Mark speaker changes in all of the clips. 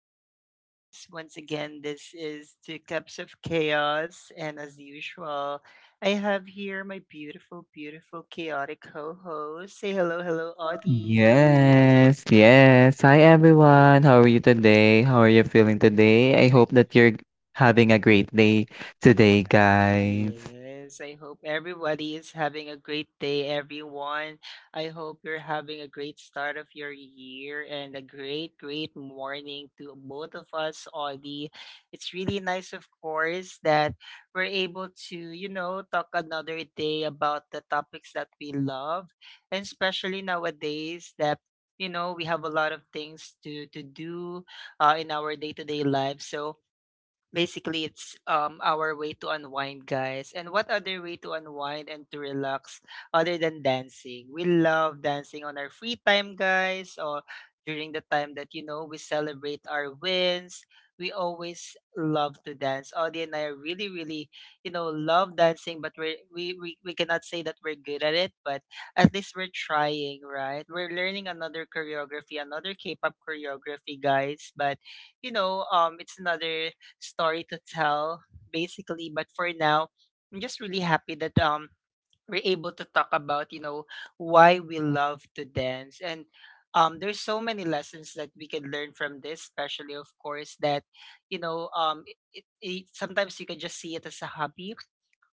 Speaker 1: podcast. Once again, this is Two Cups of Chaos, and as usual, I have here my beautiful, beautiful, chaotic co host. Say hello, hello, Audie.
Speaker 2: Yes, yes. Hi everyone. How are you today? How are you feeling today? I hope that you're having a great day today, guys.
Speaker 1: Yes, I hope everybody is having a great day, everyone. I hope you're having a great start of your year and a great, great morning to both of us, Audie. It's really nice, of course, that we're able to, you know, talk another day about the topics that we love, and especially nowadays that. You know, we have a lot of things to do in our day to day life. So basically it's our way to unwind, guys. And what other way to unwind and to relax other than dancing? We love dancing on our free time, guys, or during the time that, you know, we celebrate our wins. We always love to dance, Audie, and I really, really, you know, love dancing. But we cannot say that we're good at it, but at least we're trying, right? We're learning another choreography, another K-pop choreography, guys. But you know, it's another story to tell, basically. But for now, I'm just really happy that we're able to talk about, you know, why we love to dance. And there's so many lessons that we can learn from this, especially, of course, that you know, sometimes you can just see it as a hobby,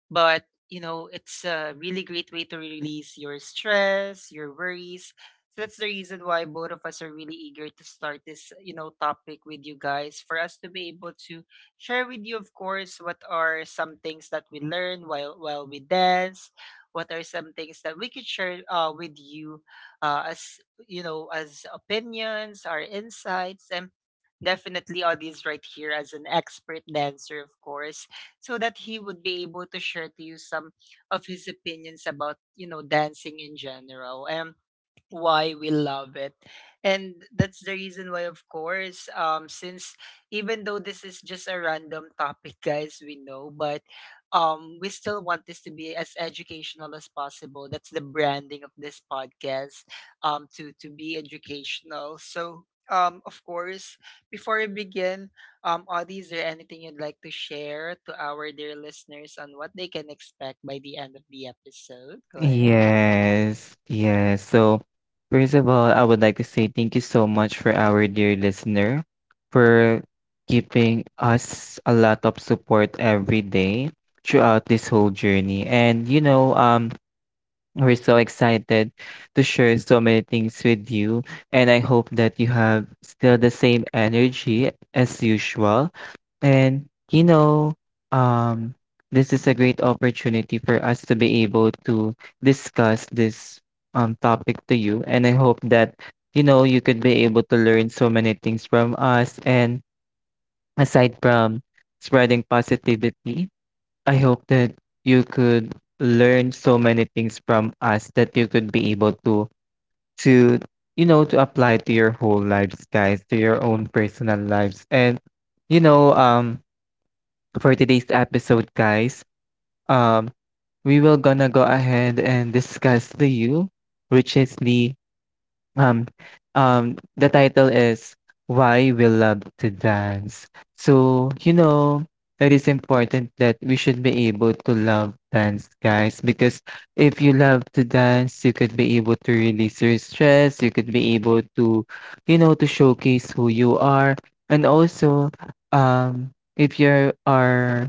Speaker 1: but, you know, it's a really great way to release your stress, your worries. So that's the reason why both of us are really eager to start this, you know, topic with you guys, for us to be able to share with you, of course, what are some things that we learn while we dance, what are some things that we could share with you as you know, as opinions, our insights, and definitely all these right here as an expert dancer, of course, so that he would be able to share to you some of his opinions about, you know, dancing in general. And why we love it. And that's the reason why, of course, since even though this is just a random topic guys, we know, but we still want this to be as educational as possible. That's the branding of this podcast, to be educational. So of course, before we begin, Audie, is there anything you'd like to share to our dear listeners on what they can expect by the end of the episode? Go ahead.
Speaker 2: Yes, yes. So, first of all, I would like to say thank you so much for our dear listener for giving us a lot of support every day throughout this whole journey. And you know, we're so excited to share so many things with you, and I hope that you have still the same energy as usual. And you know, um, this is a great opportunity for us to be able to discuss this topic to you, and I hope that you know you could be able to learn so many things from us. And aside from spreading positivity, I hope that you could learn so many things from us that you could be able to to you know to apply to your whole lives, guys, to your own personal lives. And you know, for today's episode, guys, um we will gonna go ahead and discuss the you, which is um, the title is Why We Love to Dance. So, you know, it is important that we should be able to love dance, guys, because if you love to dance, you could be able to release your stress, you could be able to, you know, to showcase who you are. And also, um, if you are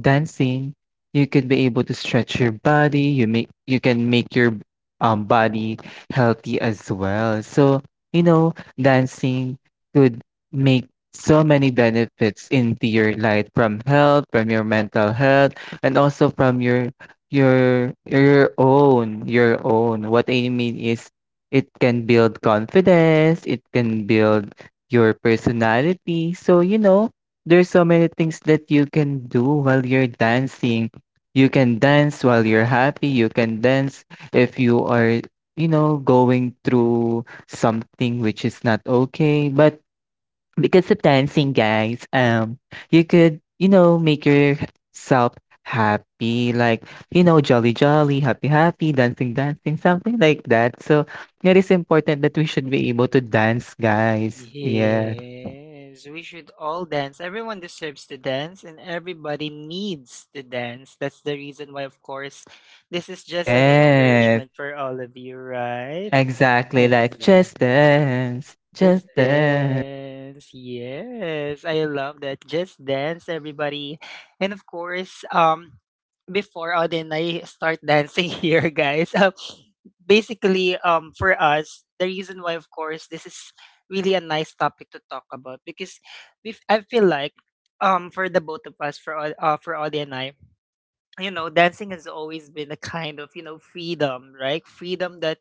Speaker 2: dancing, you could be able to stretch your body, you can make your body healthy as well. So, you know, dancing could make so many benefits into your life from health, from your mental health, and also from your your own. What I mean is it can build confidence, it can build your personality. So, you know, there's so many things that you can do while you're dancing. You can dance while you're happy. You can dance if you are you know, going through something which is not okay. But because of dancing, guys, you could, you know, make yourself happy, like, you know, jolly, jolly, happy, happy, dancing, dancing, something like that. So it is important that we should be able to dance, guys. Yeah.
Speaker 1: Yes, we should all dance. Everyone deserves to dance and everybody needs to dance. That's the reason why, of course, this is just an
Speaker 2: Yes.
Speaker 1: encouragement for all of you, right?
Speaker 2: Exactly. Like, just
Speaker 1: Exactly.
Speaker 2: dance, just
Speaker 1: Just
Speaker 2: dance.
Speaker 1: Dance. Yes, I love that. Just Dance, everybody. And of course, before Auden and I start dancing here, guys, basically, for us, the reason why, of course, this is really a nice topic to talk about because I feel like, for the both of us, for Auden and I, you know, dancing has always been a kind of, you know, freedom, right? Freedom that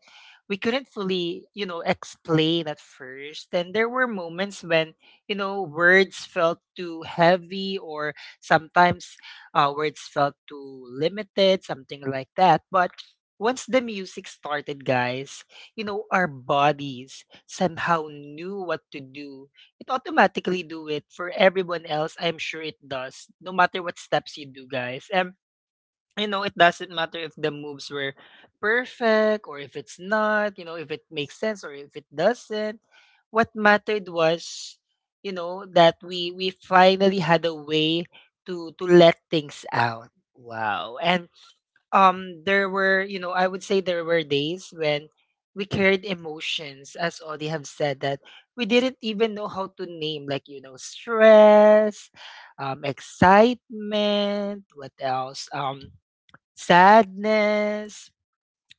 Speaker 1: we couldn't fully, you know, explain at first. And there were moments when, you know, words felt too heavy or sometimes words felt too limited, something like that. But once the music started, guys, you know, our bodies somehow knew what to do. It automatically do it for everyone else. I'm sure it does, no matter what steps you do, guys. And you know, it doesn't matter if the moves were perfect or if it's not, you know, if it makes sense or if it doesn't. What mattered was, you know, that we finally had a way to let things out. Wow. And there were, you know, I would say there were days when we carried emotions, as Audie have said, that we didn't even know how to name, like, you know, stress, excitement, what else, sadness,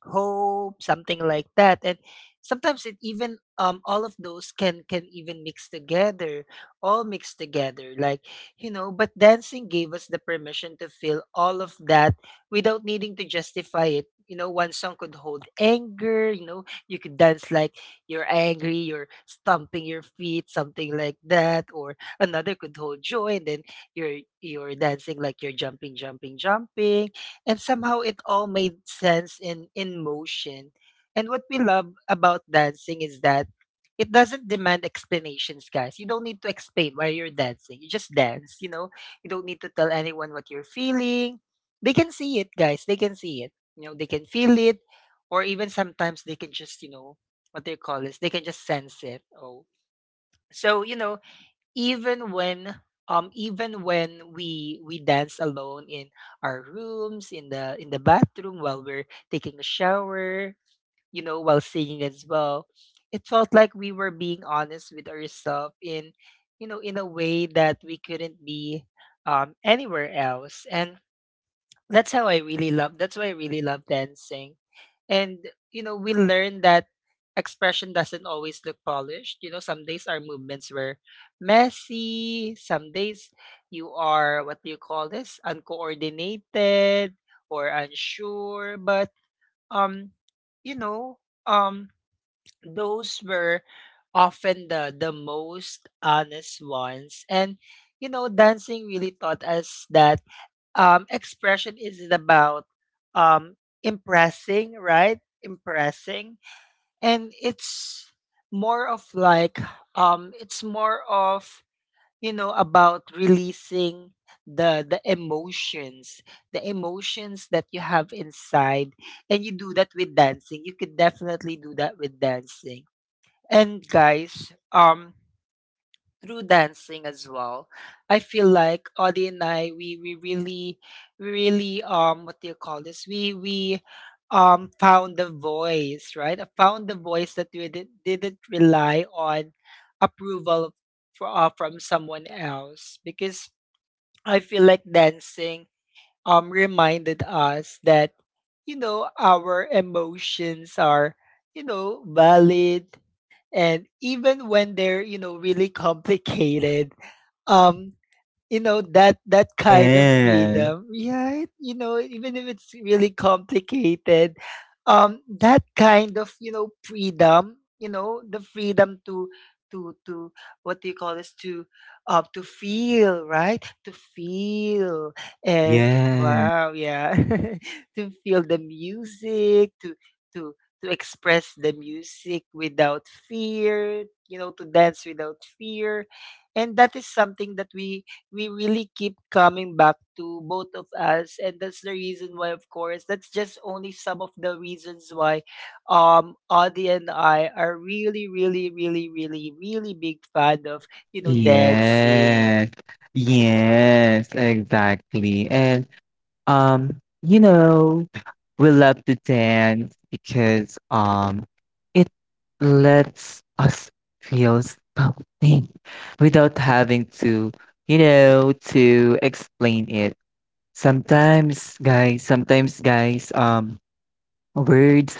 Speaker 1: hope, something like that. And sometimes it even all of those can even mix together, all mixed together. Like, you know, but dancing gave us the permission to feel all of that without needing to justify it. You know, one song could hold anger, you know, you could dance like you're angry, you're stomping your feet, something like that, or another could hold joy and then you're dancing like you're jumping, jumping, jumping, and somehow it all made sense in motion. And what we love about dancing is that it doesn't demand explanations, guys. You don't need to explain why you're dancing, you just dance. You know, you don't need to tell anyone what you're feeling. They can see it, guys, they can see it, you know, they can feel it, or even sometimes they can just, you know, what they call this, they can just sense it. Oh. So you know, even when even when we dance alone in our rooms, in the bathroom while we're taking a shower, you know, while singing as well, it felt like we were being honest with ourselves in, you know, in a way that we couldn't be anywhere else. And that's how I really love, that's why I really love dancing. And you know, we learn that expression doesn't always look polished. You know, some days our movements were messy, some days you are, what do you call this, uncoordinated or unsure. But um, you know, um those were often the most honest ones. And you know, dancing really taught us that expression is about um, impressing, right? Impressing, and it's more of like, it's more of, you know, about releasing the the emotions, the emotions that you have inside, and you do that with dancing. You could definitely do that with dancing. And guys, through dancing as well. I feel like Audie and I, we really, we really, what do you call this, we found the voice, right? I found the voice that didn't rely on approval for, from someone else because I feel like dancing reminded us that, you know, our emotions are, you know, valid. And even when they're, you know, really complicated, um you know, that that kind of
Speaker 2: Yeah.
Speaker 1: freedom, right? You know, even if it's really complicated, that kind of, you know, freedom, you know, the freedom to to what do you call this, to feel, right? To feel. And
Speaker 2: Yeah.
Speaker 1: wow, yeah, to feel the music, to to express the music without fear. You know, to dance without fear. And that is something that we really keep coming back to, both of us. And that's the reason why, of course, that's just only some of the reasons why Audie and I are really, really, really, really, really big fan of, you know, dancing.
Speaker 2: Yes, yes, exactly. And you know, we love to dance because it lets us feel something without having to, you know, to explain it. Sometimes guys, words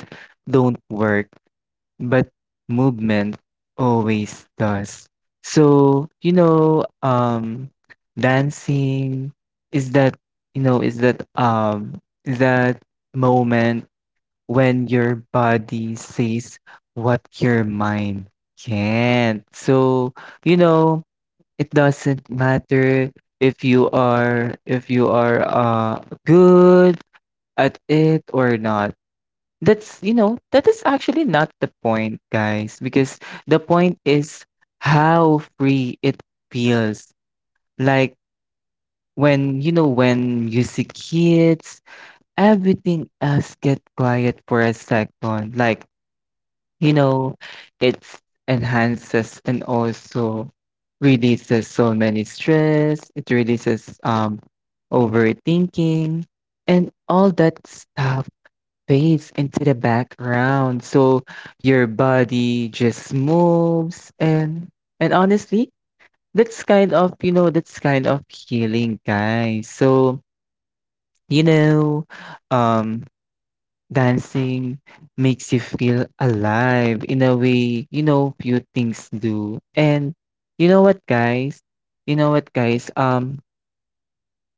Speaker 2: don't work. But movement always does. So, you know, dancing is that you know, is that moment when your body says what your mind can't. So, you know, it doesn't matter if you are good at it or not. That's, you know, that is actually not the point, guys, because the point is how free it feels. Like when, you know, when music hits, everything else get quiet for a second. Like, you know, it enhances and also releases so many stress. It releases overthinking and all that stuff fades into the background. So your body just moves and honestly, that's kind of, you know, that's kind of healing, guys. So, you know, um dancing makes you feel alive in a way, you know, few things do. And you know what, guys? You know what, guys?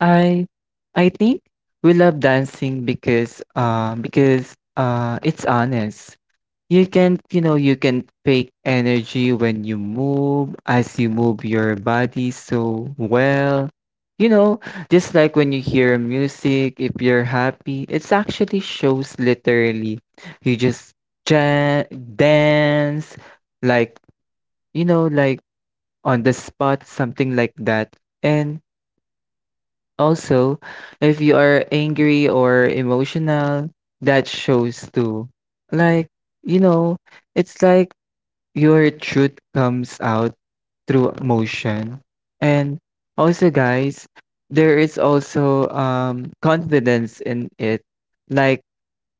Speaker 2: I I think we love dancing because it's honest. You can you know you can fake energy when you move as you move your body so well. You know, just like when you hear music, if you're happy, it's actually shows literally. You just ja- dance like you know like on the spot something like that. And also, if you are angry or emotional, that shows too. Like, you know, it's like your truth comes out through emotion. And also, guys, there is also confidence in it. Like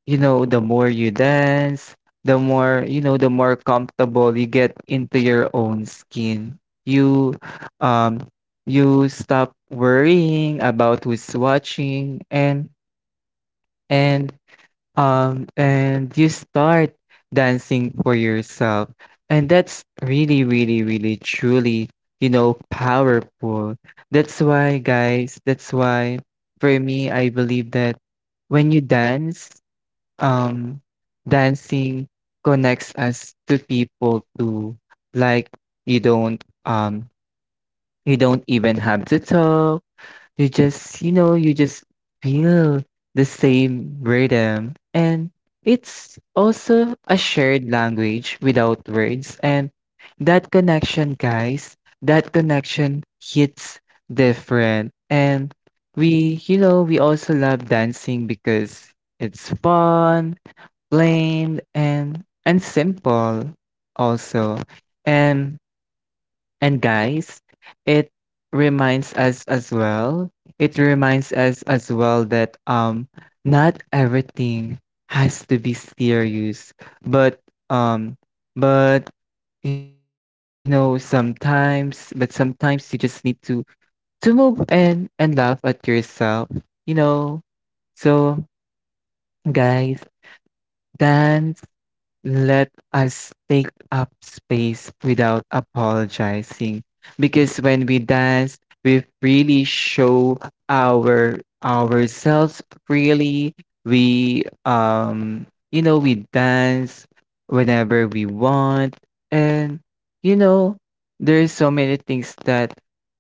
Speaker 2: you know, the more you dance, the more, you know, the more comfortable you get into your own skin. You um you stop worrying about who's watching and and you start dancing for yourself. And that's really, really, really truly, you know, powerful. That's why guys, that's why for me I believe that when you dance um, dancing connects us to people too. Like you don't um you don't even have to talk. You just, you know, you just feel the same rhythm. And it's also a shared language without words. And that connection, guys, that connection hits different. And we, you know, we also love dancing because it's fun, plain, and simple also. And and guys, it reminds us as well, it reminds us as well that not everything has to be serious, but um but you know sometimes but sometimes you just need to move and laugh at yourself, you know. So guys, dance let us take up space without apologizing because when we dance we really show our ourselves freely we you know we dance whenever we want and you know there's so many things that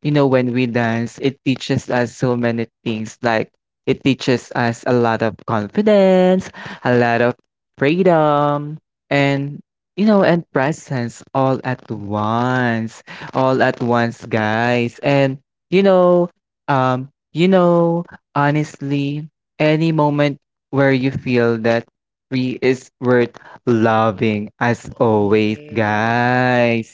Speaker 2: you know when we dance it teaches us so many things like it teaches us a lot of confidence a lot of freedom and, you know, and presence all at once. All at once, guys. And, you know, you know, honestly, any moment where you feel that free is worth loving as always,
Speaker 1: Yes,
Speaker 2: guys.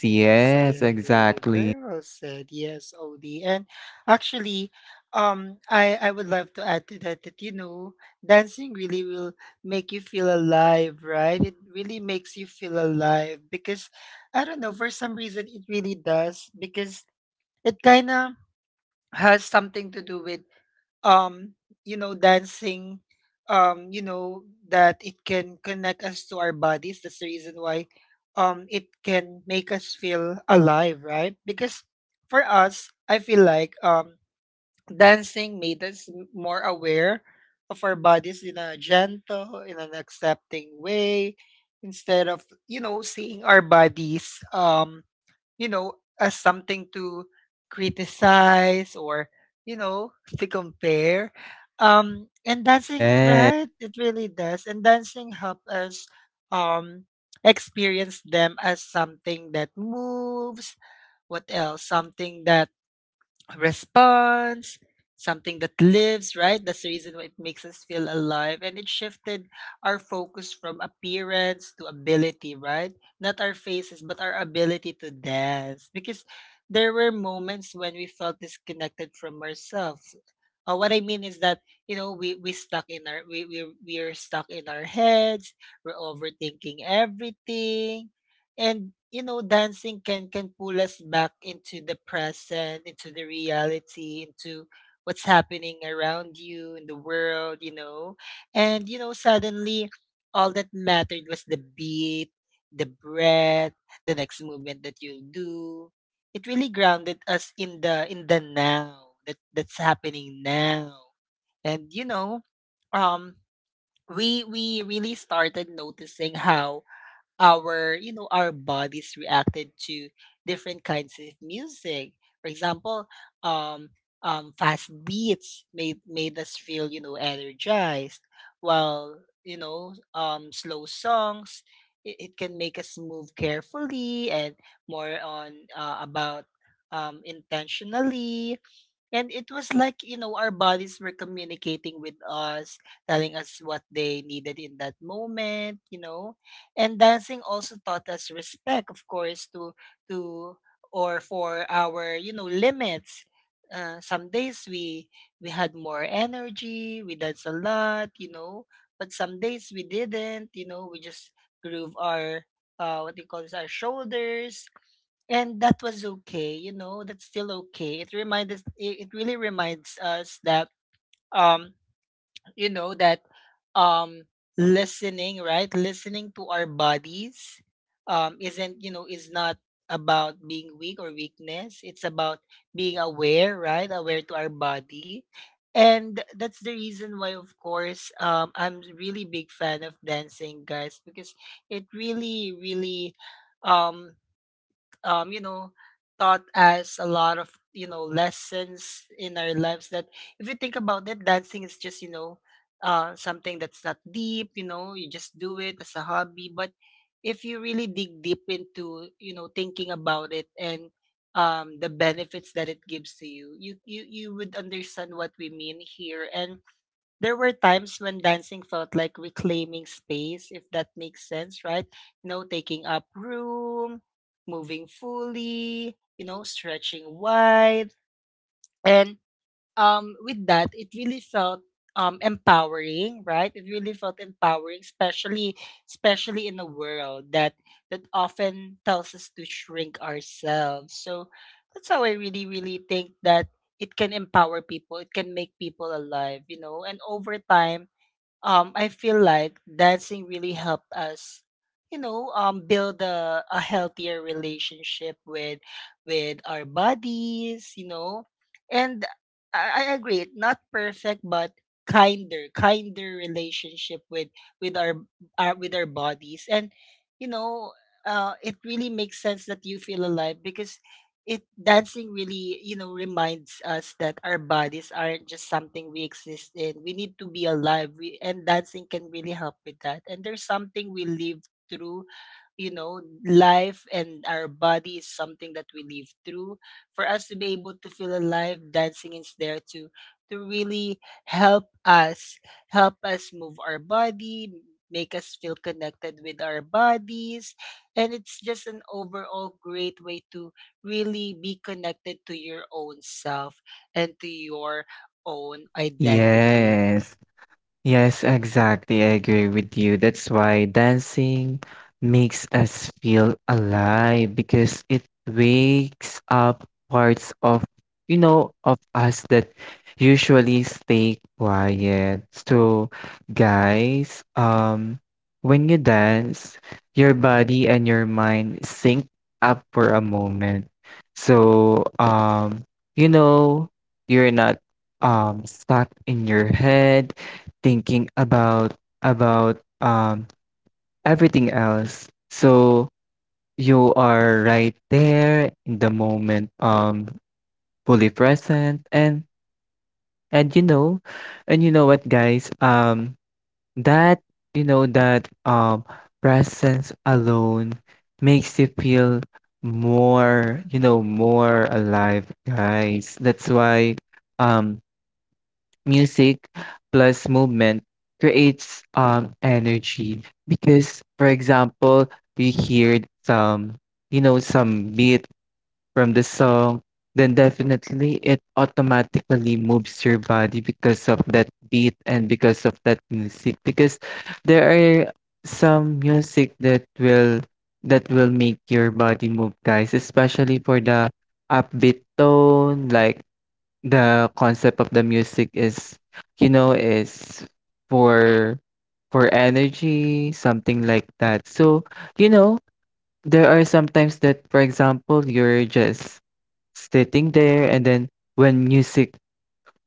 Speaker 1: I
Speaker 2: Yes,
Speaker 1: agree.
Speaker 2: exactly.
Speaker 1: Very well said. Yes, Odie. And actually, I would love to add to that that, you know, dancing really will make you feel alive, right? It really makes you feel alive because I don't know, for some reason it really does, because it kind of has something to do with um you know, dancing, you know, that it can connect us to our bodies. That's the reason why it can make us feel alive, right? Because for us, I feel like dancing made us more aware of our bodies in a gentle, in an accepting way, instead of, you know, seeing our bodies you know, as something to criticize or, you know, to compare. And dancing,
Speaker 2: Yes.
Speaker 1: right? It really does. And dancing help us um, experience them as something that moves. What else? Something that response, something that lives, right? That's the reason why it makes us feel alive. And it shifted our focus from appearance to ability, right? Not our faces, but our ability to dance. Because there were moments when we felt disconnected from ourselves. What I mean is that you know, we stuck in our, we're stuck in our heads. We're overthinking everything, and you know dancing can pull us back into the present, into the reality, into what's happening around you in the world, you know. And suddenly all that mattered was the beat, the breath, the next movement that you do. It really grounded us in the now, that's happening now. And um we really started noticing how our, you know, our bodies reacted to different kinds of music. For example, um fast beats made us feel, you know, energized, while, you know, slow songs, it can make us move carefully and more on about intentionally. And it was like, you know, our bodies were communicating with us, telling us what they needed in that moment, you know. And dancing also taught us respect, of course, to or for our, you know, limits. Some days we had more energy, we danced a lot, you know, but some days we didn't, you know, we just groove our what do you call this, our shoulders, and that was okay, you know, that's still okay. It reminds us, it really reminds us that um you know that um listening, right, listening to our bodies isn't, you know, is not about being weak or weakness. It's about being aware, right, aware to our body. And that's the reason why, of course, I'm really big fan of dancing, guys, because it really really um um, you know, taught us a lot of, you know, lessons in our lives. That if you think about it, dancing is just, you know, something that's not deep, you know, you just do it as a hobby. But if you really dig deep into, you know, thinking about it and the benefits that it gives to you, you would understand what we mean here. And there were times when dancing felt like reclaiming space, if that makes sense, right? You know, taking up room, moving fully, you know, stretching wide. And with that, it really felt empowering, right? It really felt empowering, especially especially in a world that that often tells us to shrink ourselves. So that's how I really, really think that it can empower people. It can make people alive, you know. And over time, I feel like dancing really helped us, you know, build a healthier relationship with our bodies, you know. And I agree, not perfect, but kinder, kinder relationship with with our, our bodies. And you know, it really makes sense that you feel alive, because it dancing really, you know, reminds us that our bodies aren't just something we exist in. We need to be alive, and dancing can really help with that, and there's something we live through, you know, life. And our body is something that we live through. For us to be able to feel alive, dancing is there to really help us, help us move our body, make us feel connected with our bodies. And it's just an overall great way to really be connected to your own self and to your own identity.
Speaker 2: Yes. Yes, exactly. I agree with you. That's why dancing makes us feel alive because it wakes up parts of, you know, of us that usually stay quiet. So, guys, when you dance, your body and your mind sync up for a moment. So, you know, you're not stuck in your head thinking about everything else. So you are right there in the moment, fully present and you know and you know what guys that you know that presence alone makes you feel more you know more alive guys that's why um music plus movement creates energy because for example you hear some you know some beat from the song then definitely it automatically moves your body because of that beat and because of that music because there are some music that will make your body move guys especially for the upbeat tone like the concept of the music is, you know, is for energy, something like that. So, you know, there are sometimes that, for example, you're just sitting there, and then when music,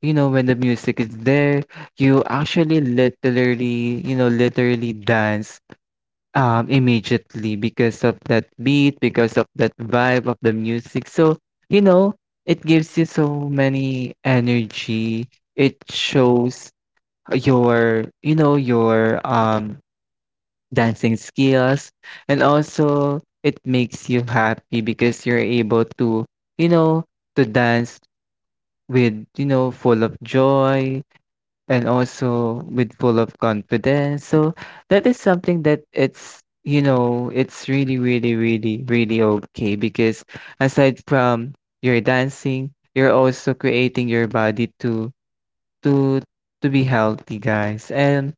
Speaker 2: you know, when the music is there, you actually literally, you know, literally dance immediately because of that beat, because of that vibe of the music. So, you know, it gives you so many energy. It shows your, you know, your dancing skills and also it makes you happy because you're able to, you know, to dance with, you know, full of joy, and also with full of confidence. So that is something that it's you know it's really really really really okay because aside from your dancing, you're also creating your body to to to be healthy, guys.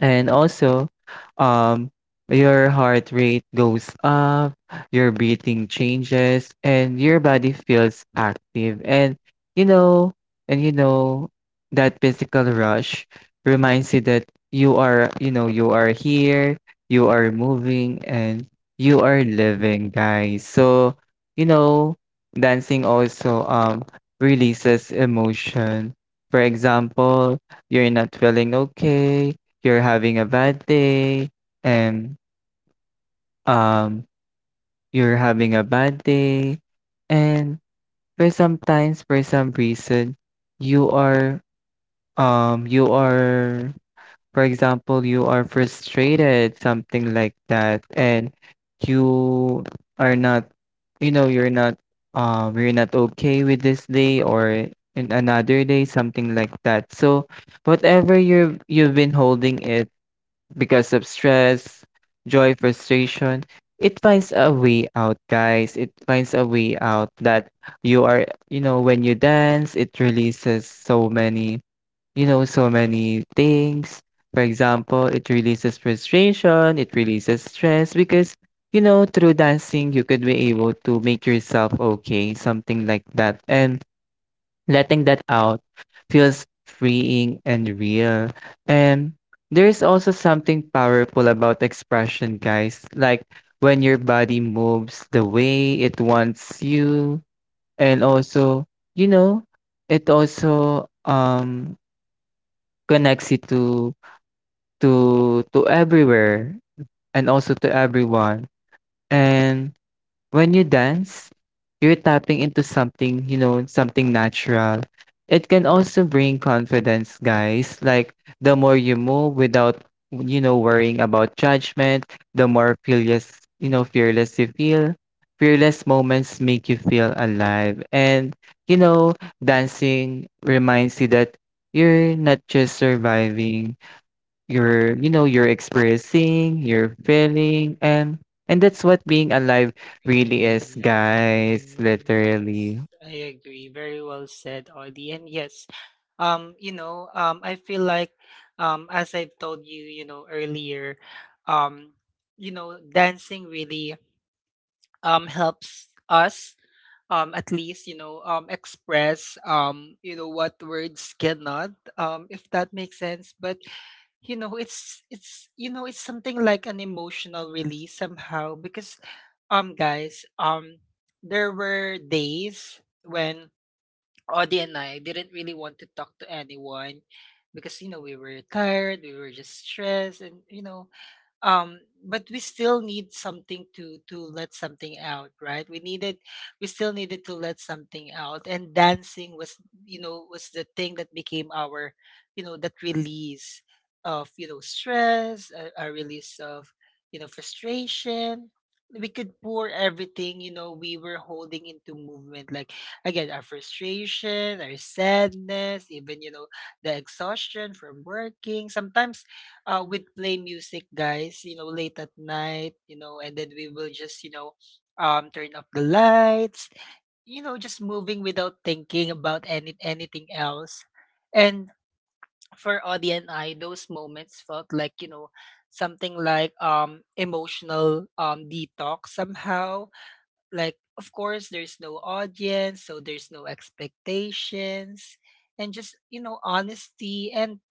Speaker 2: And also, um, your heart rate goes up, your breathing changes, and your body feels active. You know, and you know, that physical rush reminds you that you are, you know, you are here, you are moving, and you are living, guys. So, you know, dancing also releases emotion. For example, you're not feeling okay you're having a bad day and um you're having a bad day and for sometimes for some reason you are you are for example you are frustrated something like that and you are not you know you're not okay with this day or in another day something like that so whatever you're you've been holding it because of stress, joy, frustration. It finds a way out, guys. It finds a way out that you are, you know, when you dance, it releases so many, you know, so many things. For example, it releases frustration, it releases stress because, you know, through dancing, you could be able to make yourself okay, something like that. And letting that out feels freeing and real. And there's also something powerful about expression, guys. Like when your body moves the way it wants you, and also, you know, it also connects you to to everywhere and also to everyone. And when you dance, you're tapping into something, you know, something natural. It can also bring confidence, guys. Like the more you move without, you know, worrying about judgment, the more fearless, you know, fearless you feel. Fearless moments make you feel alive. And, you know, dancing reminds you that you're not just surviving, you're experiencing, you're feeling, and that's what being alive really is,
Speaker 1: Yes,
Speaker 2: guys, literally.
Speaker 1: I agree. Very well said, Audie. And yes, I feel like, as I've told you, you know, earlier, um, dancing really helps us at least, you know, express, you know, what words cannot, if that makes sense. But you know, it's you know, it's something like an emotional release somehow, because guys, there were days when Audie and I didn't really want to talk to anyone, because you know we were tired, we were just stressed, and you know, um, but we still need something to let something out, right? We needed, we still needed to let something out, and dancing was, you know, was the thing that became our, you know, that release of, you know, stress, a release of, you know, frustration. We could pour everything, you know, we were holding into movement. Like, again, our frustration, our sadness, even, you know, the exhaustion from working. Sometimes we'd play music, guys, you know, late at night, you know, and then we will just, you know, turn off the lights, you know, just moving without thinking about anything else. And for Audie and I, those moments felt like, you know, something like emotional detox somehow. Like, of course, there's no audience, so there's no expectations, and just, you know, honesty. And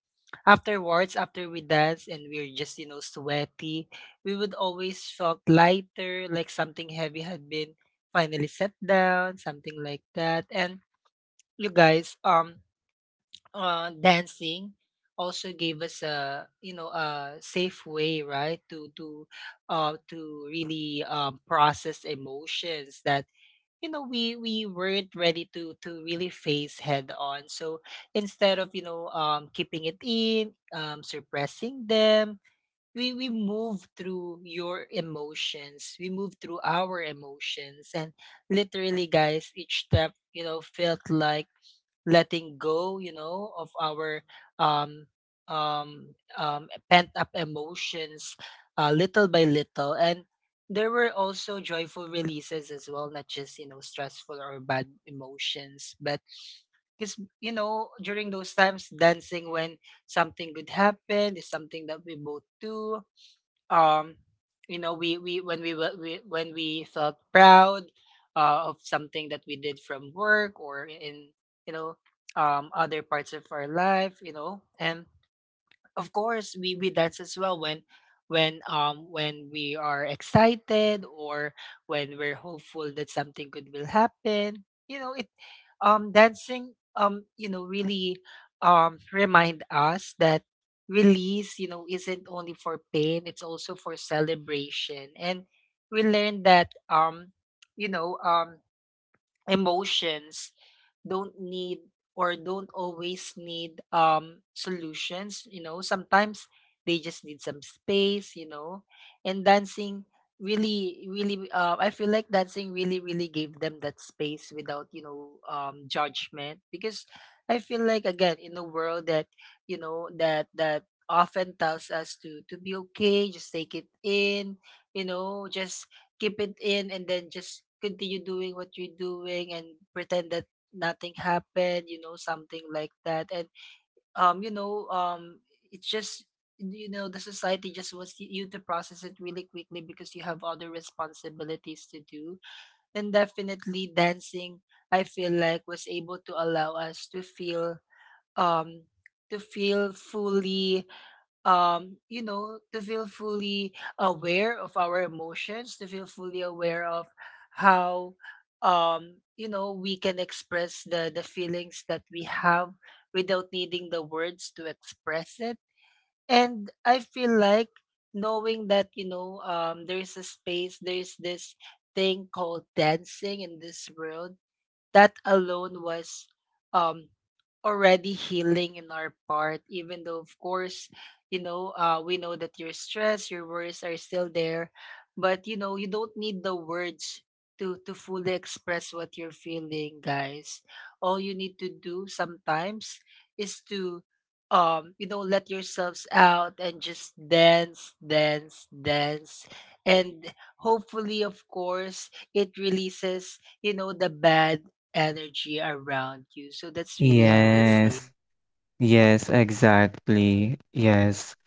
Speaker 1: afterwards, after we dance and we're just, you know, sweaty, we would always felt lighter, like something heavy had been finally set down, something like that. And you guys, dancing also gave us a, you know, a safe way, right, to really, process emotions that, you know, we weren't ready to really face head on. So instead of, you know, keeping it in, suppressing them, we move through your emotions, we move through our emotions. And literally, guys, each step, you know, felt like letting go, you know, of our um pent up emotions, little by little. And there were also joyful releases as well, not just, you know, stressful or bad emotions, but because, you know, during those times dancing when something good happened is something that we both do. um you know, we when we felt proud, of something that we did from work or in, you know, other parts of our life, you know. And of course, we dance as well when when we are excited, or when we're hopeful that something good will happen. You know, it, dancing, you know, really remind us that release, you know, isn't only for pain, it's also for celebration. And we learned that, you know um emotions don't need, or don't always need, solutions, you know. Sometimes they just need some space, you know. And dancing really really, I feel like dancing really really gave them that space without, you know, judgment, because I feel like, again, in a world that, you know, that often tells us to be okay, just take it in, you know, just keep it in, and then just continue doing what you're doing and pretend that nothing happened, you know, something like that. And um you know um it's just, you know, the society just wants you to process it really quickly because you have other responsibilities to do. Then definitely dancing, I feel like, was able to allow us um to feel fully, you know, to feel fully aware of our emotions, to feel fully aware of how, you know, we can express the feelings that we have without needing the words to express it. And I feel like knowing that, you know, there's a space, there's this thing called dancing in this world, that alone was um already healing in our part, even though, of course, you know, we know that your stress, your worries are still there. But you know, you don't need the words to fully express what you're feeling, guys. All you need to do sometimes is to, you know, let yourselves out and just dance, dance, dance, and hopefully, of course, it releases, you know, the bad energy around you. So that's really how I see it.
Speaker 2: Yes. Yes exactly yes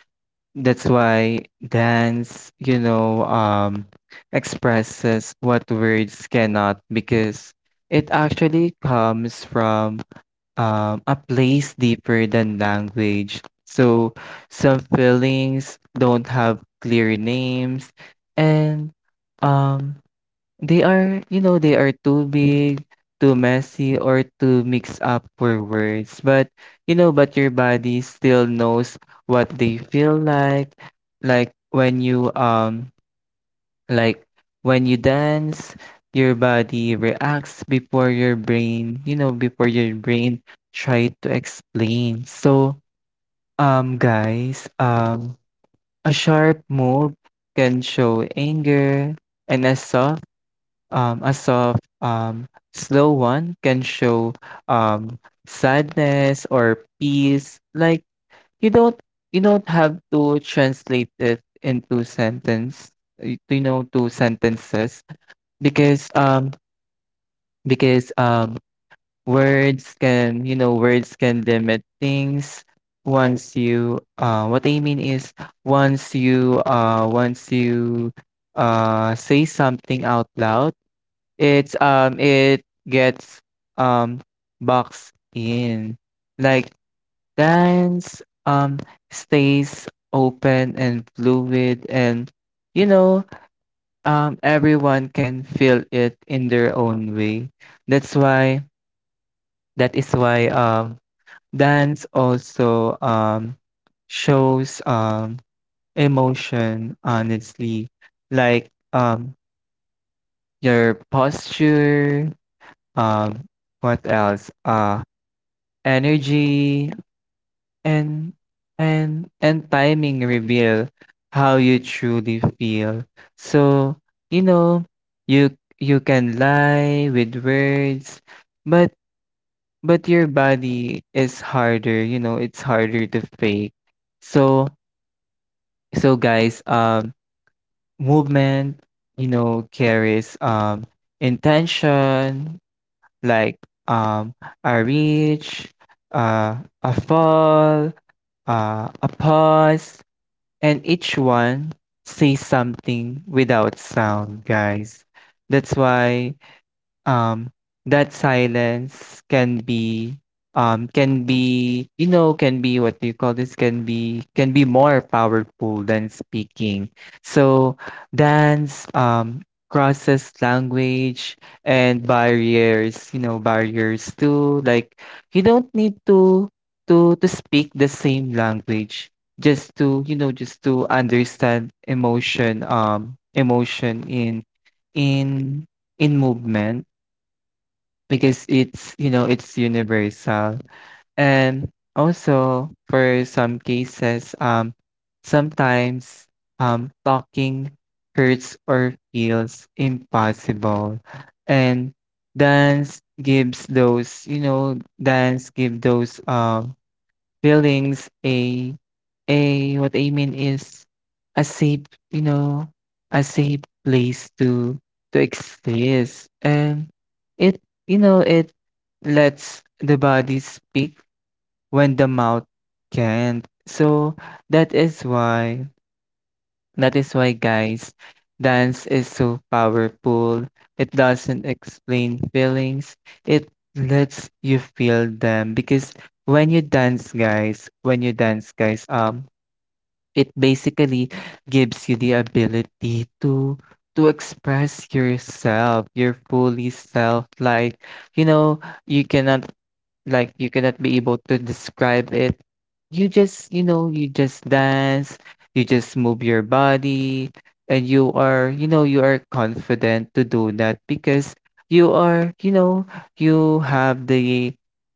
Speaker 2: that's why dance, expresses what words cannot, because it actually comes from a place deeper than language. So some feelings don't have clear names, and um they are, they are too big, too messy, or too mixed up for words. But but your body still knows what they feel like. like when you um like when you dance, your body reacts before your brain, before your brain try to explain. So, guys, a sharp move can show anger, and a soft, um, a soft, um, slow one can show um sadness or peace. Like you don't have to translate it into sentence, to sentences, because, um because, words can, words can limit things. Once you what I mean is once you, say something out loud, it's, it gets, um, boxed in. Like, dance, stays open and fluid, and, you know, everyone can feel it in their own way. That's why that is why um dance also shows emotion honestly. Like, your posture, um what else, energy, and and timing reveal how you truly feel. So, you know you can lie with words, but your body is harder, it's harder to fake. So, guys, movement, carries intention, like, um a reach, uh a fall, a pause. And each one says something without sound, guys. That's why, um, that silence can be, can be you know can be what do you call this can be more powerful than speaking. So dance, crosses language and barriers, barriers too. Like, you don't need to to speak the same language, just to, just to understand emotion, in in in movement, because it's, it's universal. And also, for some cases, sometimes, talking hurts or feels impossible, and dance gives those, dance give those, buildings, a what I mean is a safe, a safe place to exist. And it, it lets the body speak when the mouth can't. So that is why. That is why, guys, dance is so powerful. It doesn't explain feelings, it lets you feel them. Because when you dance, guys, it basically gives you the ability to express yourself, your fully self. Like, you know, you cannot, you cannot be able to describe it. You just, you just dance, you just move your body, and you are, you are confident to do that, because you are, you have the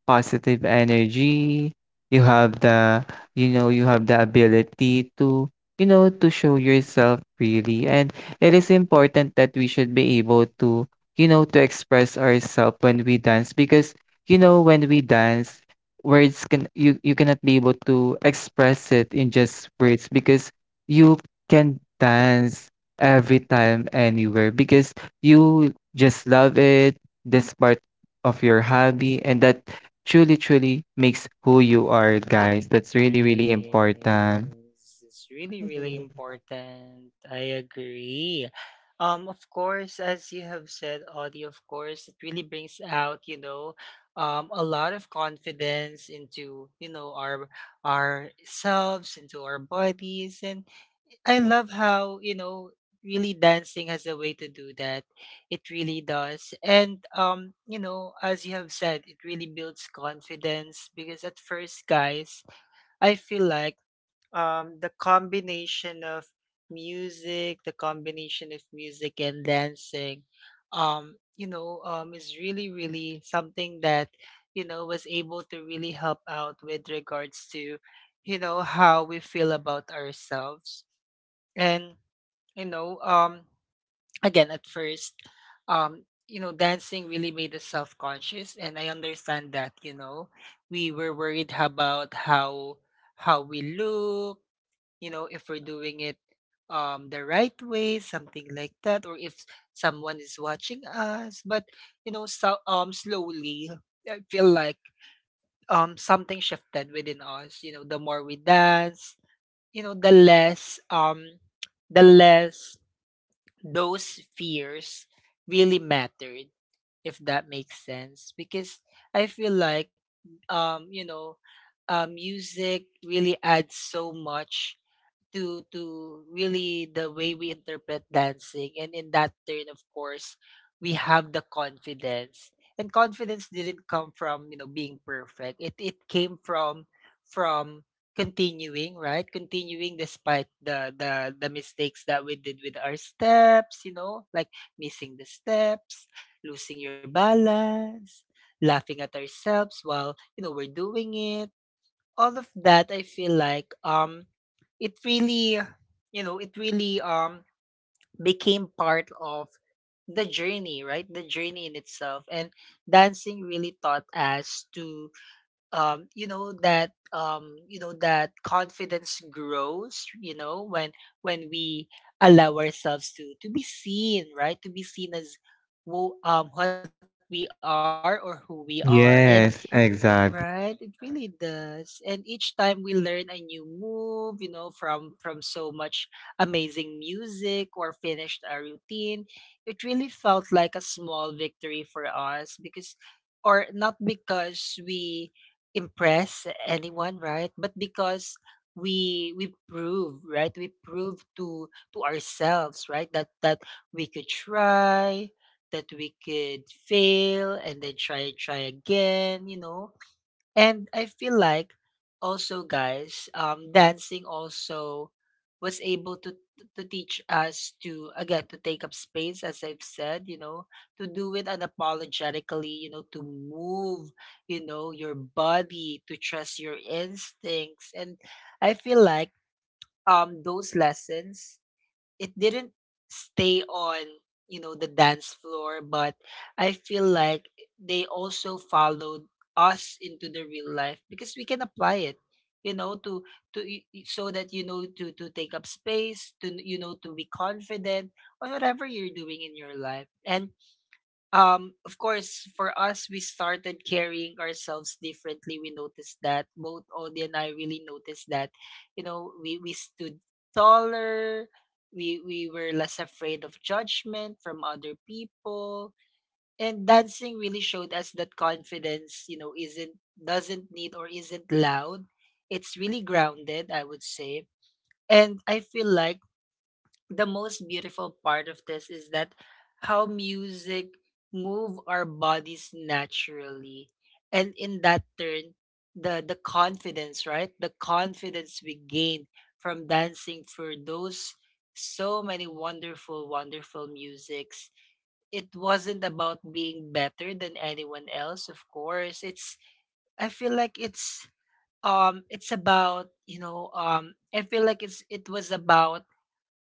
Speaker 2: positive energy, you have the, you have the ability to, to show yourself really. And it is important that we should be able to, to express ourselves when we dance, because when we dance, words can, you cannot be able to express it in just words, because you can dance every time anywhere, because you just love it. This part of your hobby, and that truly, truly makes who you are, guys. That's really, really
Speaker 1: Yes,
Speaker 2: important.
Speaker 1: it's really, really important. I agree. Of course, as you have said, Audie, of course, it really brings out, you know, a lot of confidence into, you know, our ourselves, into our bodies. And I love how, you know, really dancing has a way to do that. It really does. And you know, as you have said, it really builds confidence, because at first, guys, I feel like the combination of music, the combination of music and dancing, is really, really something that, you know, was able to really help out with regards to, you know, how we feel about ourselves. And you know um again at first, dancing really made us self-conscious, and I understand that. We were worried about how we look, you know, if we're doing it the right way, something like that, or if someone is watching us. But you know, so slowly, I feel like something shifted within us. You know, the more we dance, you know, the less, the less those fears really mattered, if that makes sense. Because I feel like you know music really adds so much to really the way we interpret dancing, and in that turn, of course, we have the confidence. And confidence didn't come from, you know, being perfect. It came from from continuing, right? Continuing despite the mistakes that we did with our steps, you know, like missing the steps, losing your balance, laughing at ourselves while, you know, we're doing it. All of that, I feel like, it really, it really, became part of the journey, right? The journey in itself. And dancing really taught us to, that confidence grows, you know, when we allow ourselves to be seen, right? To be seen as who what we are or who we are. And
Speaker 2: Yes,
Speaker 1: right, it really
Speaker 2: exactly.
Speaker 1: does. And each time we learn a new move, you know, from so much amazing music, or finished a routine, it really felt like a small victory for us. Because or not because we impress anyone, right? But because we prove, right? We prove to ourselves, right? That we could try, that we could fail, and then try again, you know. And I feel like also, guys, dancing also was able to teach us to, again, to take up space, as I've said, you know, to do it unapologetically, you know, to move, you know, your body, to trust your instincts. And I feel like those lessons, it didn't stay on, you know, the dance floor. But I feel like they also followed us into the real life, because we can apply it, you know, to so that, you know, to take up space, to, you know, to be confident on whatever you're doing in your life. And of course, for us, we started carrying ourselves differently. We noticed that, both Odie and I really noticed that, you know, we stood taller. We were less afraid of judgment from other people. And dancing really showed us that confidence, you know, isn't, doesn't need, or isn't loud. It's really grounded, I would say. And I feel like the most beautiful part of this is that how music move our bodies naturally. And in that turn, the confidence, right? The confidence we gain from dancing, for those so many wonderful, wonderful musics, it wasn't about being better than anyone else. Of course, i feel like it's it's about, you know I feel like it's it was about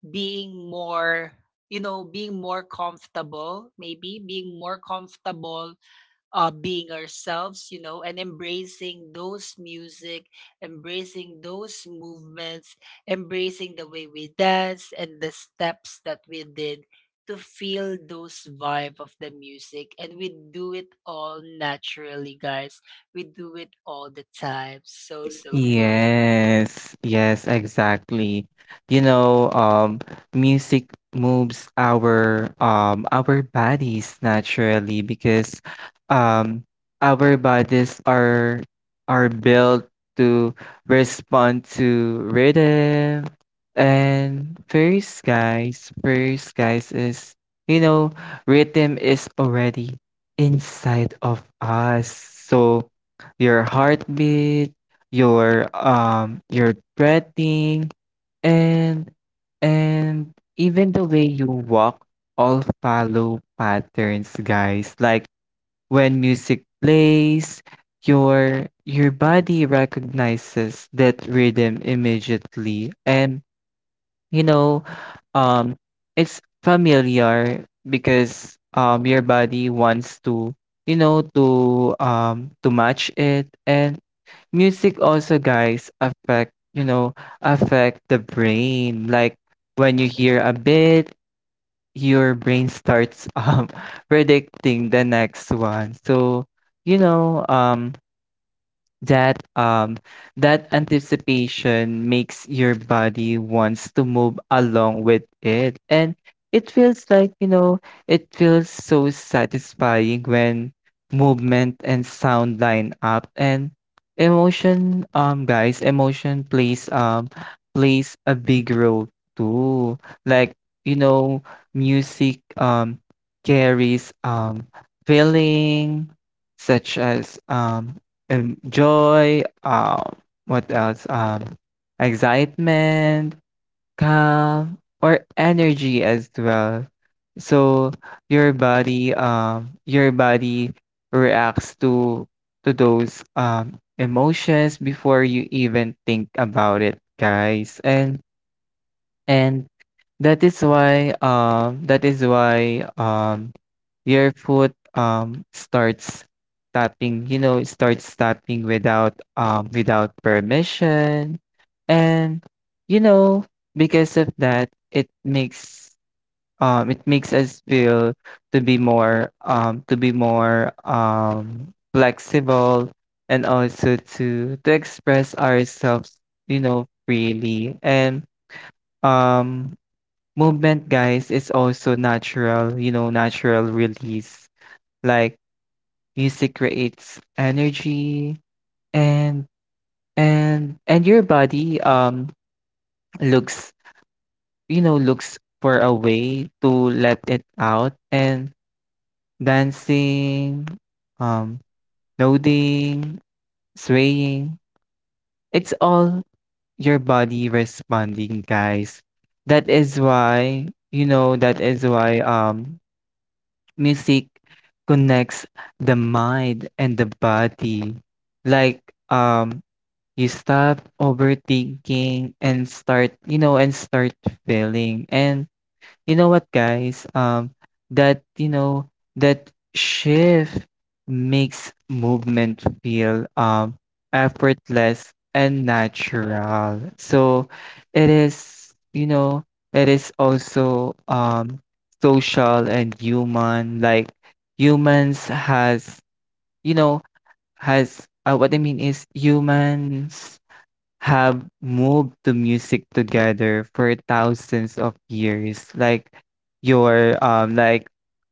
Speaker 1: being more, you know, being more comfortable, maybe being more comfortable, being ourselves, you know, and embracing those music, embracing those movements, embracing the way we dance and the steps that we did, to feel those vibe of the music. And we do it all naturally, guys. We do it all the time. So so good.
Speaker 2: Yes, yes, exactly. You know, music moves our bodies naturally, because um our bodies are built to respond to rhythm. And first guys, is, you know, rhythm is already inside of us. So your heartbeat, you're threatening, and and even the way you walk, all follow patterns, guys. Like when music plays, your body recognizes that rhythm immediately, and, you know, um, it's familiar because your body wants to, to match it. And music also, guys, affect, affect the brain. Like when you hear a bit, your brain starts predicting the next one. So, you know um that um that anticipation makes your body wants to move along with it, and it feels like, it feels so satisfying when movement and sound line up. And emotion, guys, emotion plays, plays a big role too. Like, you know music, carries, feeling, such as, enjoy, what else? Excitement, calm, or energy as well. So your body reacts to those emotions before you even think about it, guys. And and that is why, your foot starts tapping, it starts tapping without, without permission. And, you know, because of that, it makes, it makes us feel to be more, to be more, flexible, and also to express ourselves, freely. And um movement, guys, is also natural, natural release. Like music creates energy, and and your body, looks, looks for a way to let it out. And dancing, um, nodding, swaying, it's all your body responding, guys. That is why, music connects the mind and the body. Like, um, you stop overthinking and start, and start feeling. And you know what, guys? That, that shift makes movement feel, effortless and natural. So it is, it is also, social and human. Like humans has, you know, has what I mean is humans have moved the music together for thousands of years. Like your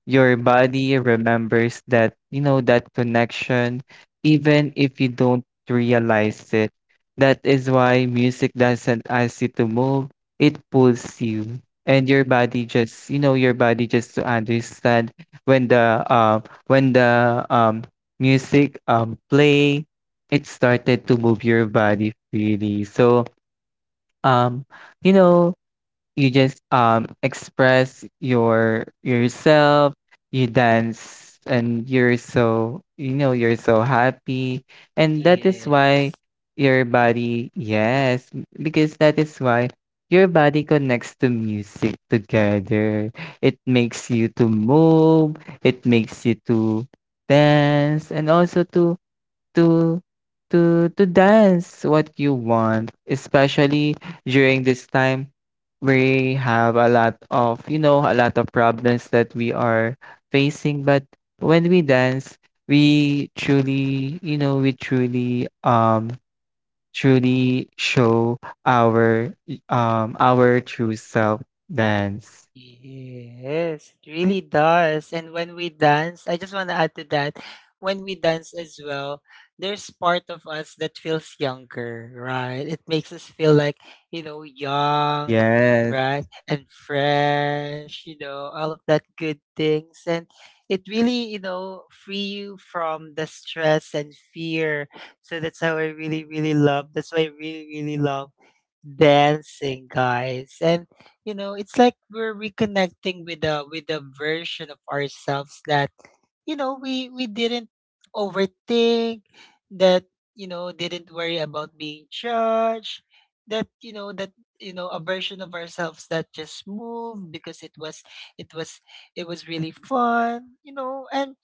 Speaker 2: your body remembers that, that connection, even if you don't realize it. That is why music doesn't ask you to move, it pulls you. And your body just, your body just to understand when the, music play, it started to move your body freely. So, um, you know, you just, express your yourself, you dance, and you're so, you're so happy. And that is why
Speaker 1: Yes,
Speaker 2: your body, yes, because that is why your body connects to music together. It makes you to move, it makes you to dance, and also to dance what you want, especially during this time we have a lot of, a lot of problems that we are facing. But when we dance, we truly, we truly, truly show our, our true self dance.
Speaker 1: yes, it really does. And when we dance, I just want to add to that. When we dance as well, there's part of us that feels younger, right? It makes us feel like, you know, young,
Speaker 2: Yes.
Speaker 1: right? And fresh, you know, all of that good things. And it really, you know, free you from the stress and fear. So that's how I really, really love. That's why I really, really love dancing, guys. And you know, it's like we're reconnecting with a version of ourselves that, you know, we didn't overthink, that, you know, didn't worry about being judged, that you know a version of ourselves that just moved because it was it was really fun, you know. And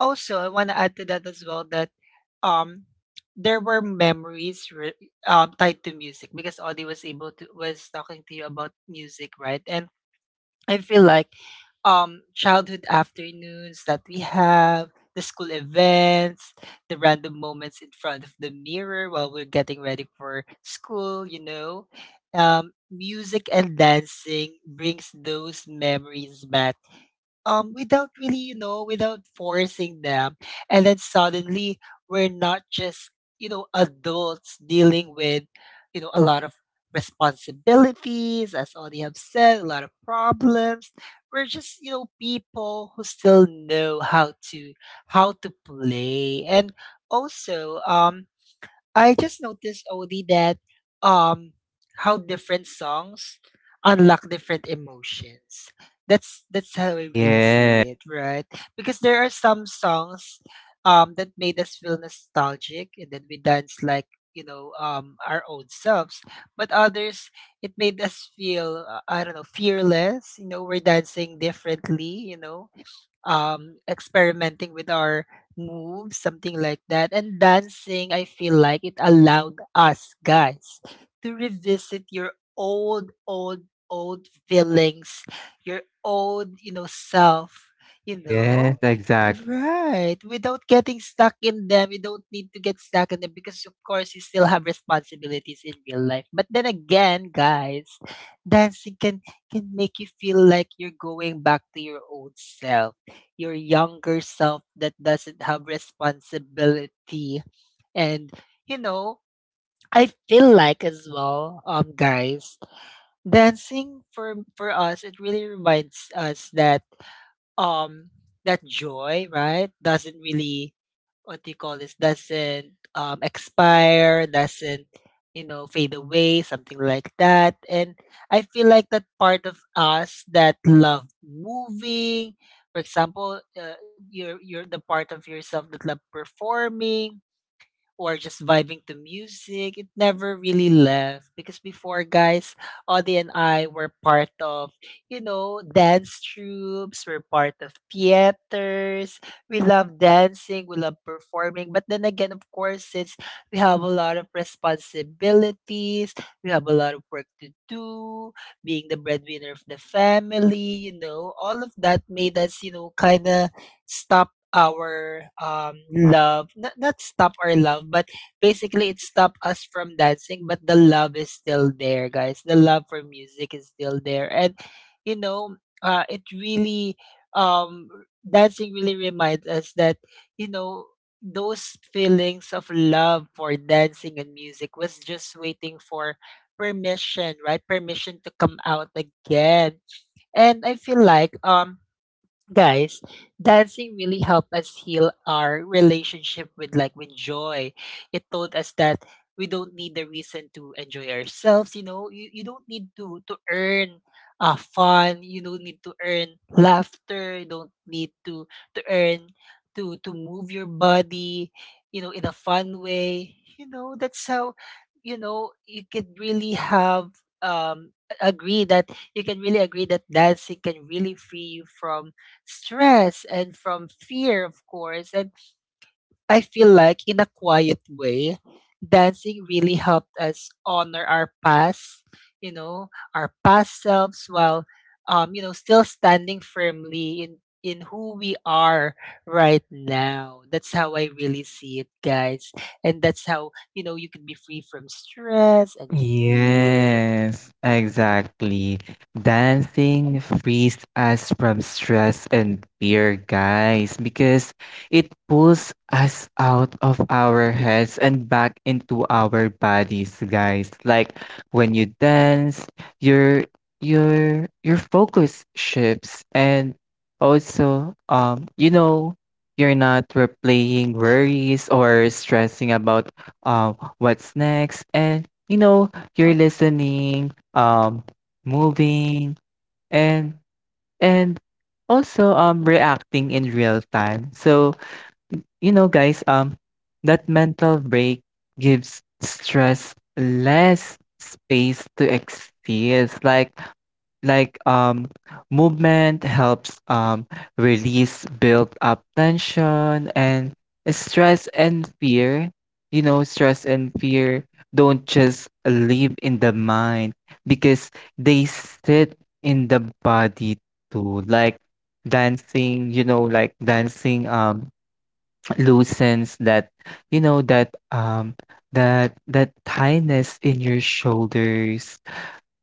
Speaker 1: also, I want to add to that as well, that um there were memories tied to music, because Audie was able to, was talking to you about music, right? And I feel like childhood afternoons that we have, the school events, the random moments in front of the mirror while we're getting ready for school, you know, music and dancing brings those memories back, without really, you know, without forcing them. And then suddenly we're not just, you know, adults dealing with, you know, a lot of responsibilities, as all have said, a lot of problems. We're just, you know, people who still know how to play. And also, I just noticed, Odie, that um how different songs unlock different emotions. That's how I really
Speaker 2: Yes.
Speaker 1: see it, right? Because there are some songs that made us feel nostalgic, and then we dance like, you know, our own selves. But others, it made us feel, I don't know, fearless, you know, we're dancing differently, you know, experimenting with our moves, something like that. And dancing, I feel like it allowed us, guys, to revisit your old, old feelings, your old, you know, self, you
Speaker 2: Yes,
Speaker 1: know?
Speaker 2: exactly.
Speaker 1: Right. Without getting stuck in them. You don't need to get stuck in them, because of course, you still have responsibilities in real life. But then again, guys, dancing can make you feel like you're going back to your old self, your younger self that doesn't have responsibility. And you know, I feel like as well, guys, dancing for us, it really reminds us that um joy, right? Doesn't really, what do you call this? Doesn't expire, doesn't, you know, fade away, something like that. And I feel like that part of us that love moving, for example, you're the part of yourself that love performing, or just vibing to music. It never really left. Because before, guys, Audie and I were part of, you know, dance troupes. We're part of theaters. We love dancing. We love performing. But then again, of course, since we have a lot of responsibilities, we have a lot of work to do, being the breadwinner of the family, you know, all of that made us, you know, kind of stop our love, not stop our love, but basically it stopped us from dancing. But the love is still there, guys. The love for music is still there. And you know, it really, um dancing really reminds us that, you know, those feelings of love for dancing and music was just waiting for permission, right? Permission to come out again. And I feel like, guys, dancing really helped us heal our relationship with, with joy. It taught us that we don't need the reason to enjoy ourselves. You know, you don't need to earn fun. You don't need to earn laughter. You don't need to earn, to move your body, you know, in a fun way. You know, that's how, you know, you could really have agree that you can really agree that dancing can really free you from stress and from fear, of course. And I feel like, in a quiet way, dancing really helped us honor our past, you know, our past selves, while, you know, still standing firmly in who we are right now. That's how I really see it, guys. And that's how, you know, you can be free from stress and fear.
Speaker 2: Yes, exactly. Dancing frees us from stress and fear, guys, because it pulls us out of our heads and back into our bodies, guys. Like when you dance, your your focus shifts, and also, you're not replaying worries or stressing about, what's next. And, you know, you're listening, moving, and and also, reacting in real time. So, guys, that mental break gives stress less space to exist. Like um Movement helps, release built up tension. And stress and fear, stress and fear don't just live in the mind, because they sit in the body too. Like dancing, dancing, loosens that, you know that um that tightness in your shoulders,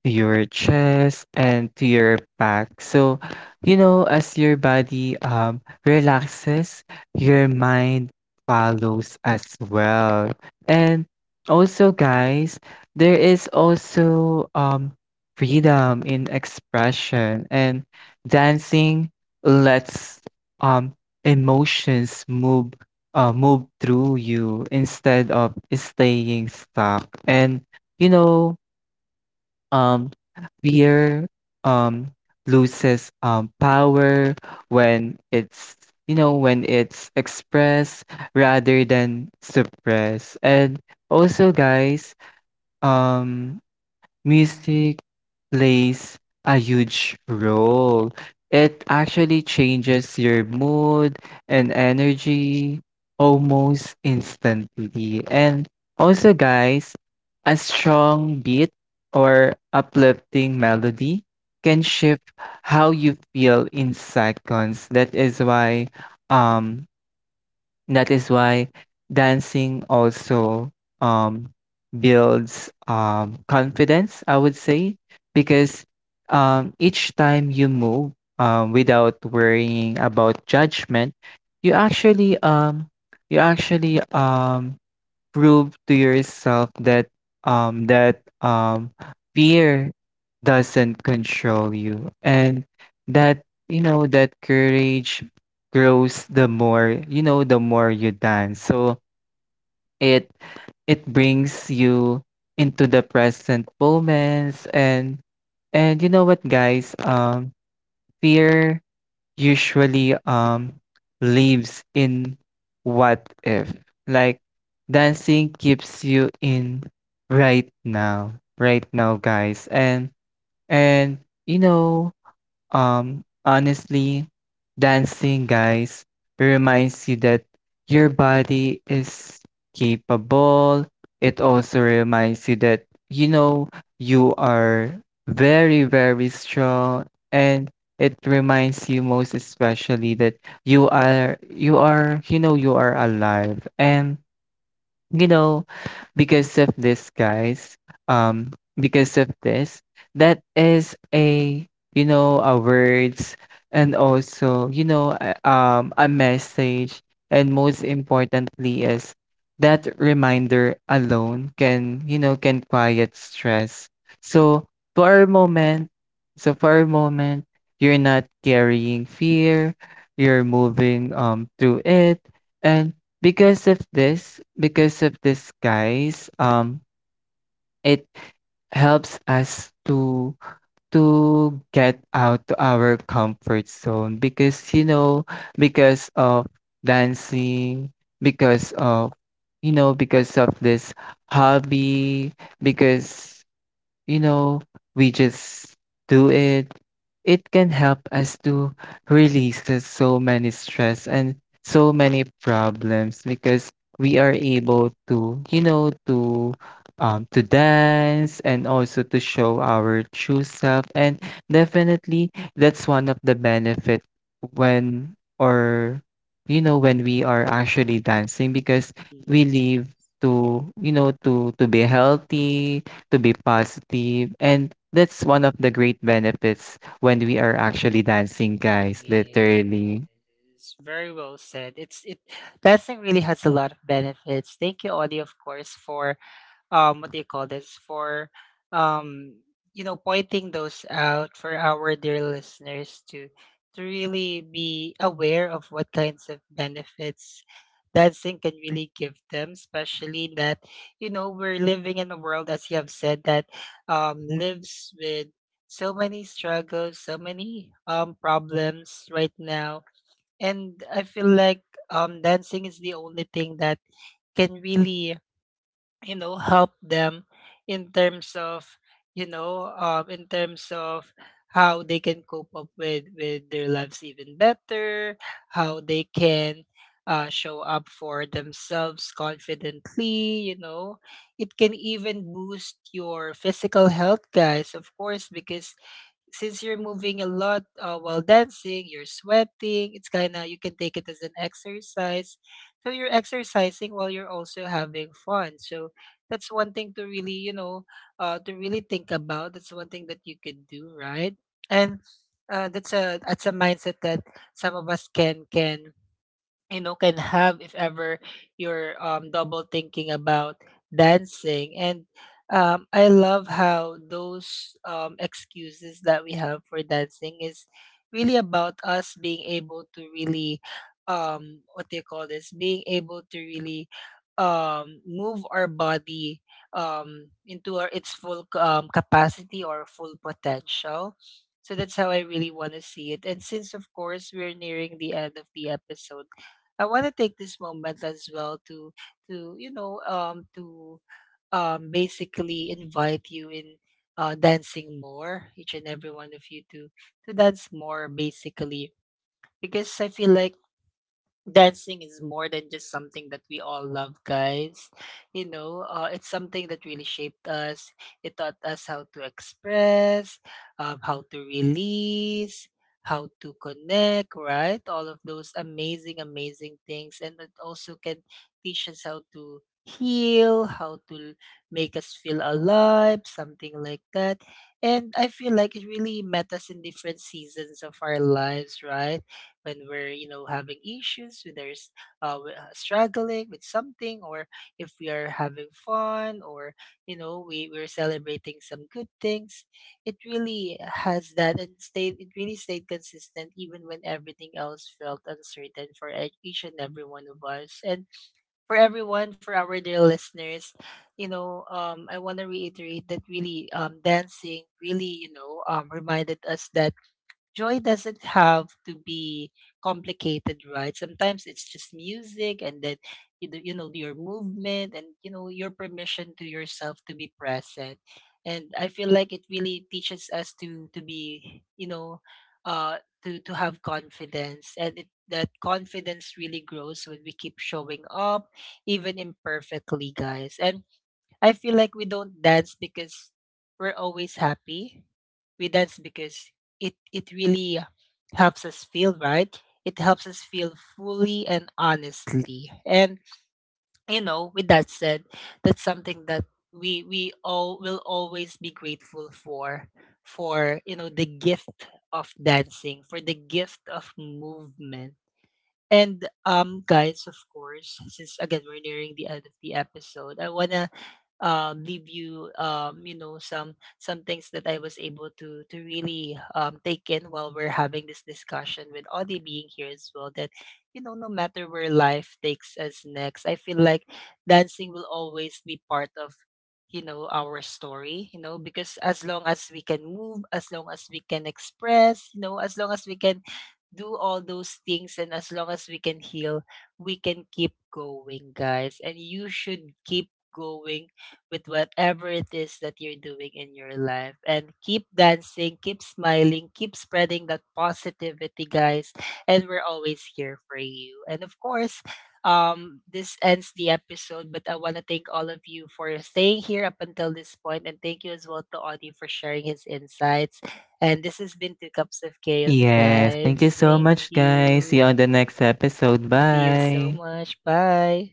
Speaker 2: to your chest, and to your back. So, as your body relaxes, your mind follows as well. And also, guys, there is also, freedom in expression, and dancing lets, um emotions move, move through you instead of staying stuck. And, you know, Um, fear, um, loses, power when it's, when it's expressed rather than suppressed. And also, guys, um, music plays a huge role. It actually changes your mood and energy almost instantly. And also, guys, a strong beat or uplifting melody can shift how you feel in seconds. That is why, um that is why dancing also, um, builds, confidence, I would say, because, each time you move, without worrying about judgment, you actually, you actually um, prove to yourself that, um that um fear doesn't control you, and that, that courage grows the more, the more you dance. So it brings you into the present moments. And you know what, guys? Fear usually, lives in what if. Like dancing keeps you in right now, right now, guys. And and you know, honestly, dancing, guys, reminds you that your body is capable. It also reminds you that, you know, you are very, very strong. And it reminds you most especially that you are, you are alive. And, you know, because of this, guys, um, because of this, that is a, a words, and also, a message. And most importantly is that reminder alone can, can quiet stress. So for a moment, so for a moment, you're not carrying fear, you're moving, through it. And because of this, guys, it helps us to get out to our comfort zone, because, you know because of dancing, because of you know because of this hobby, because, you know, we just do it. It can help us to release the so many stress and so many problems, because we are able to, to, to dance, and also to show our true self. And definitely that's one of the benefit when, or you know when we are actually dancing, because we live to, to be healthy, to be positive. And that's one of the great benefits when we are actually dancing, guys, literally.
Speaker 1: Yes, very well said. It testing really has a lot of benefits. Thank you, Audie, of course, for what do you call this, for um you know, pointing those out for our dear listeners, to really be aware of what kinds of benefits dancing can really give them, especially that, you know, we're living in a world, as you have said, that lives with so many struggles, so many problems right now. And I feel like dancing is the only thing that can really, you know, help them in terms of, in terms of how they can cope up with their lives even better, how they can, show up for themselves confidently, you know. It can even boost your physical health, guys, of course, because since you're moving a lot, while dancing, you're sweating. It's kind of, you can take it as an exercise. So you're exercising while you're also having fun. So that's one thing to really, you know, to really think about. That's one thing that you could do, right? And that's a mindset that some of us can can have, if ever you're double thinking about dancing. And I love how those excuses that we have for dancing is really about us being able to really, what do you call this, being able to really move our body into our, its full capacity or full potential. So that's how I really want to see it. And since of course we're nearing the end of the episode, I want to take this moment as well to to you know um to basically invite you in, dancing more, each and every one of you, to dance more, basically. Because I feel like dancing is more than just something that we all love, guys. You know, it's something that really shaped us. It taught us how to express, how to release, how to connect, right? All of those amazing, amazing things. And it also can teach us how to heal, how to make us feel alive, something like that. And I feel like it really met us in different seasons of our lives, right? When we're, you know, having issues, when there's, struggling with something, or if we are having fun, or, you know, we're celebrating some good things. It really has that and stayed it really stayed consistent even when everything else felt uncertain for each and every one of us. And for everyone, for our dear listeners, you know, I want to reiterate that really, dancing really, you know, reminded us that joy doesn't have to be complicated, right? Sometimes it's just music, and then you know your movement, and you know your permission to yourself to be present. And I feel like it really teaches us to be, you know, uh to have confidence. And that confidence really grows when we keep showing up, even imperfectly, guys. And I feel like we don't dance because we're always happy. We dance because it really helps us feel right. It helps us feel fully and honestly. And you know, with that said, that's something that we all will always be grateful for, you know, the gift of dancing, for the gift of movement. And guys, of course, since again we're nearing the end of the episode, I wanna leave you, you know, some things that I was able to really, take in while we're having this discussion with Audie being here as well. That you know, no matter where life takes us next, I feel like dancing will always be part of, you know, our story. You know, because as long as we can move, as long as we can express, you know, as long as we can do all those things, and as long as we can heal, we can keep going, guys. And you should keep going with whatever it is that you're doing in your life. And keep dancing, keep smiling, keep spreading that positivity, guys. And we're always here for you. And of course, this ends the episode. But I want to thank all of you for staying here up until this point. And thank you as well to Audie for sharing his insights. And this has been Two Cups of Chaos,
Speaker 2: Yes, thank you
Speaker 1: guys.
Speaker 2: so
Speaker 1: Thank
Speaker 2: much, guys. See you
Speaker 1: you.
Speaker 2: on the next episode.
Speaker 1: See you so
Speaker 2: Bye.
Speaker 1: much. Bye.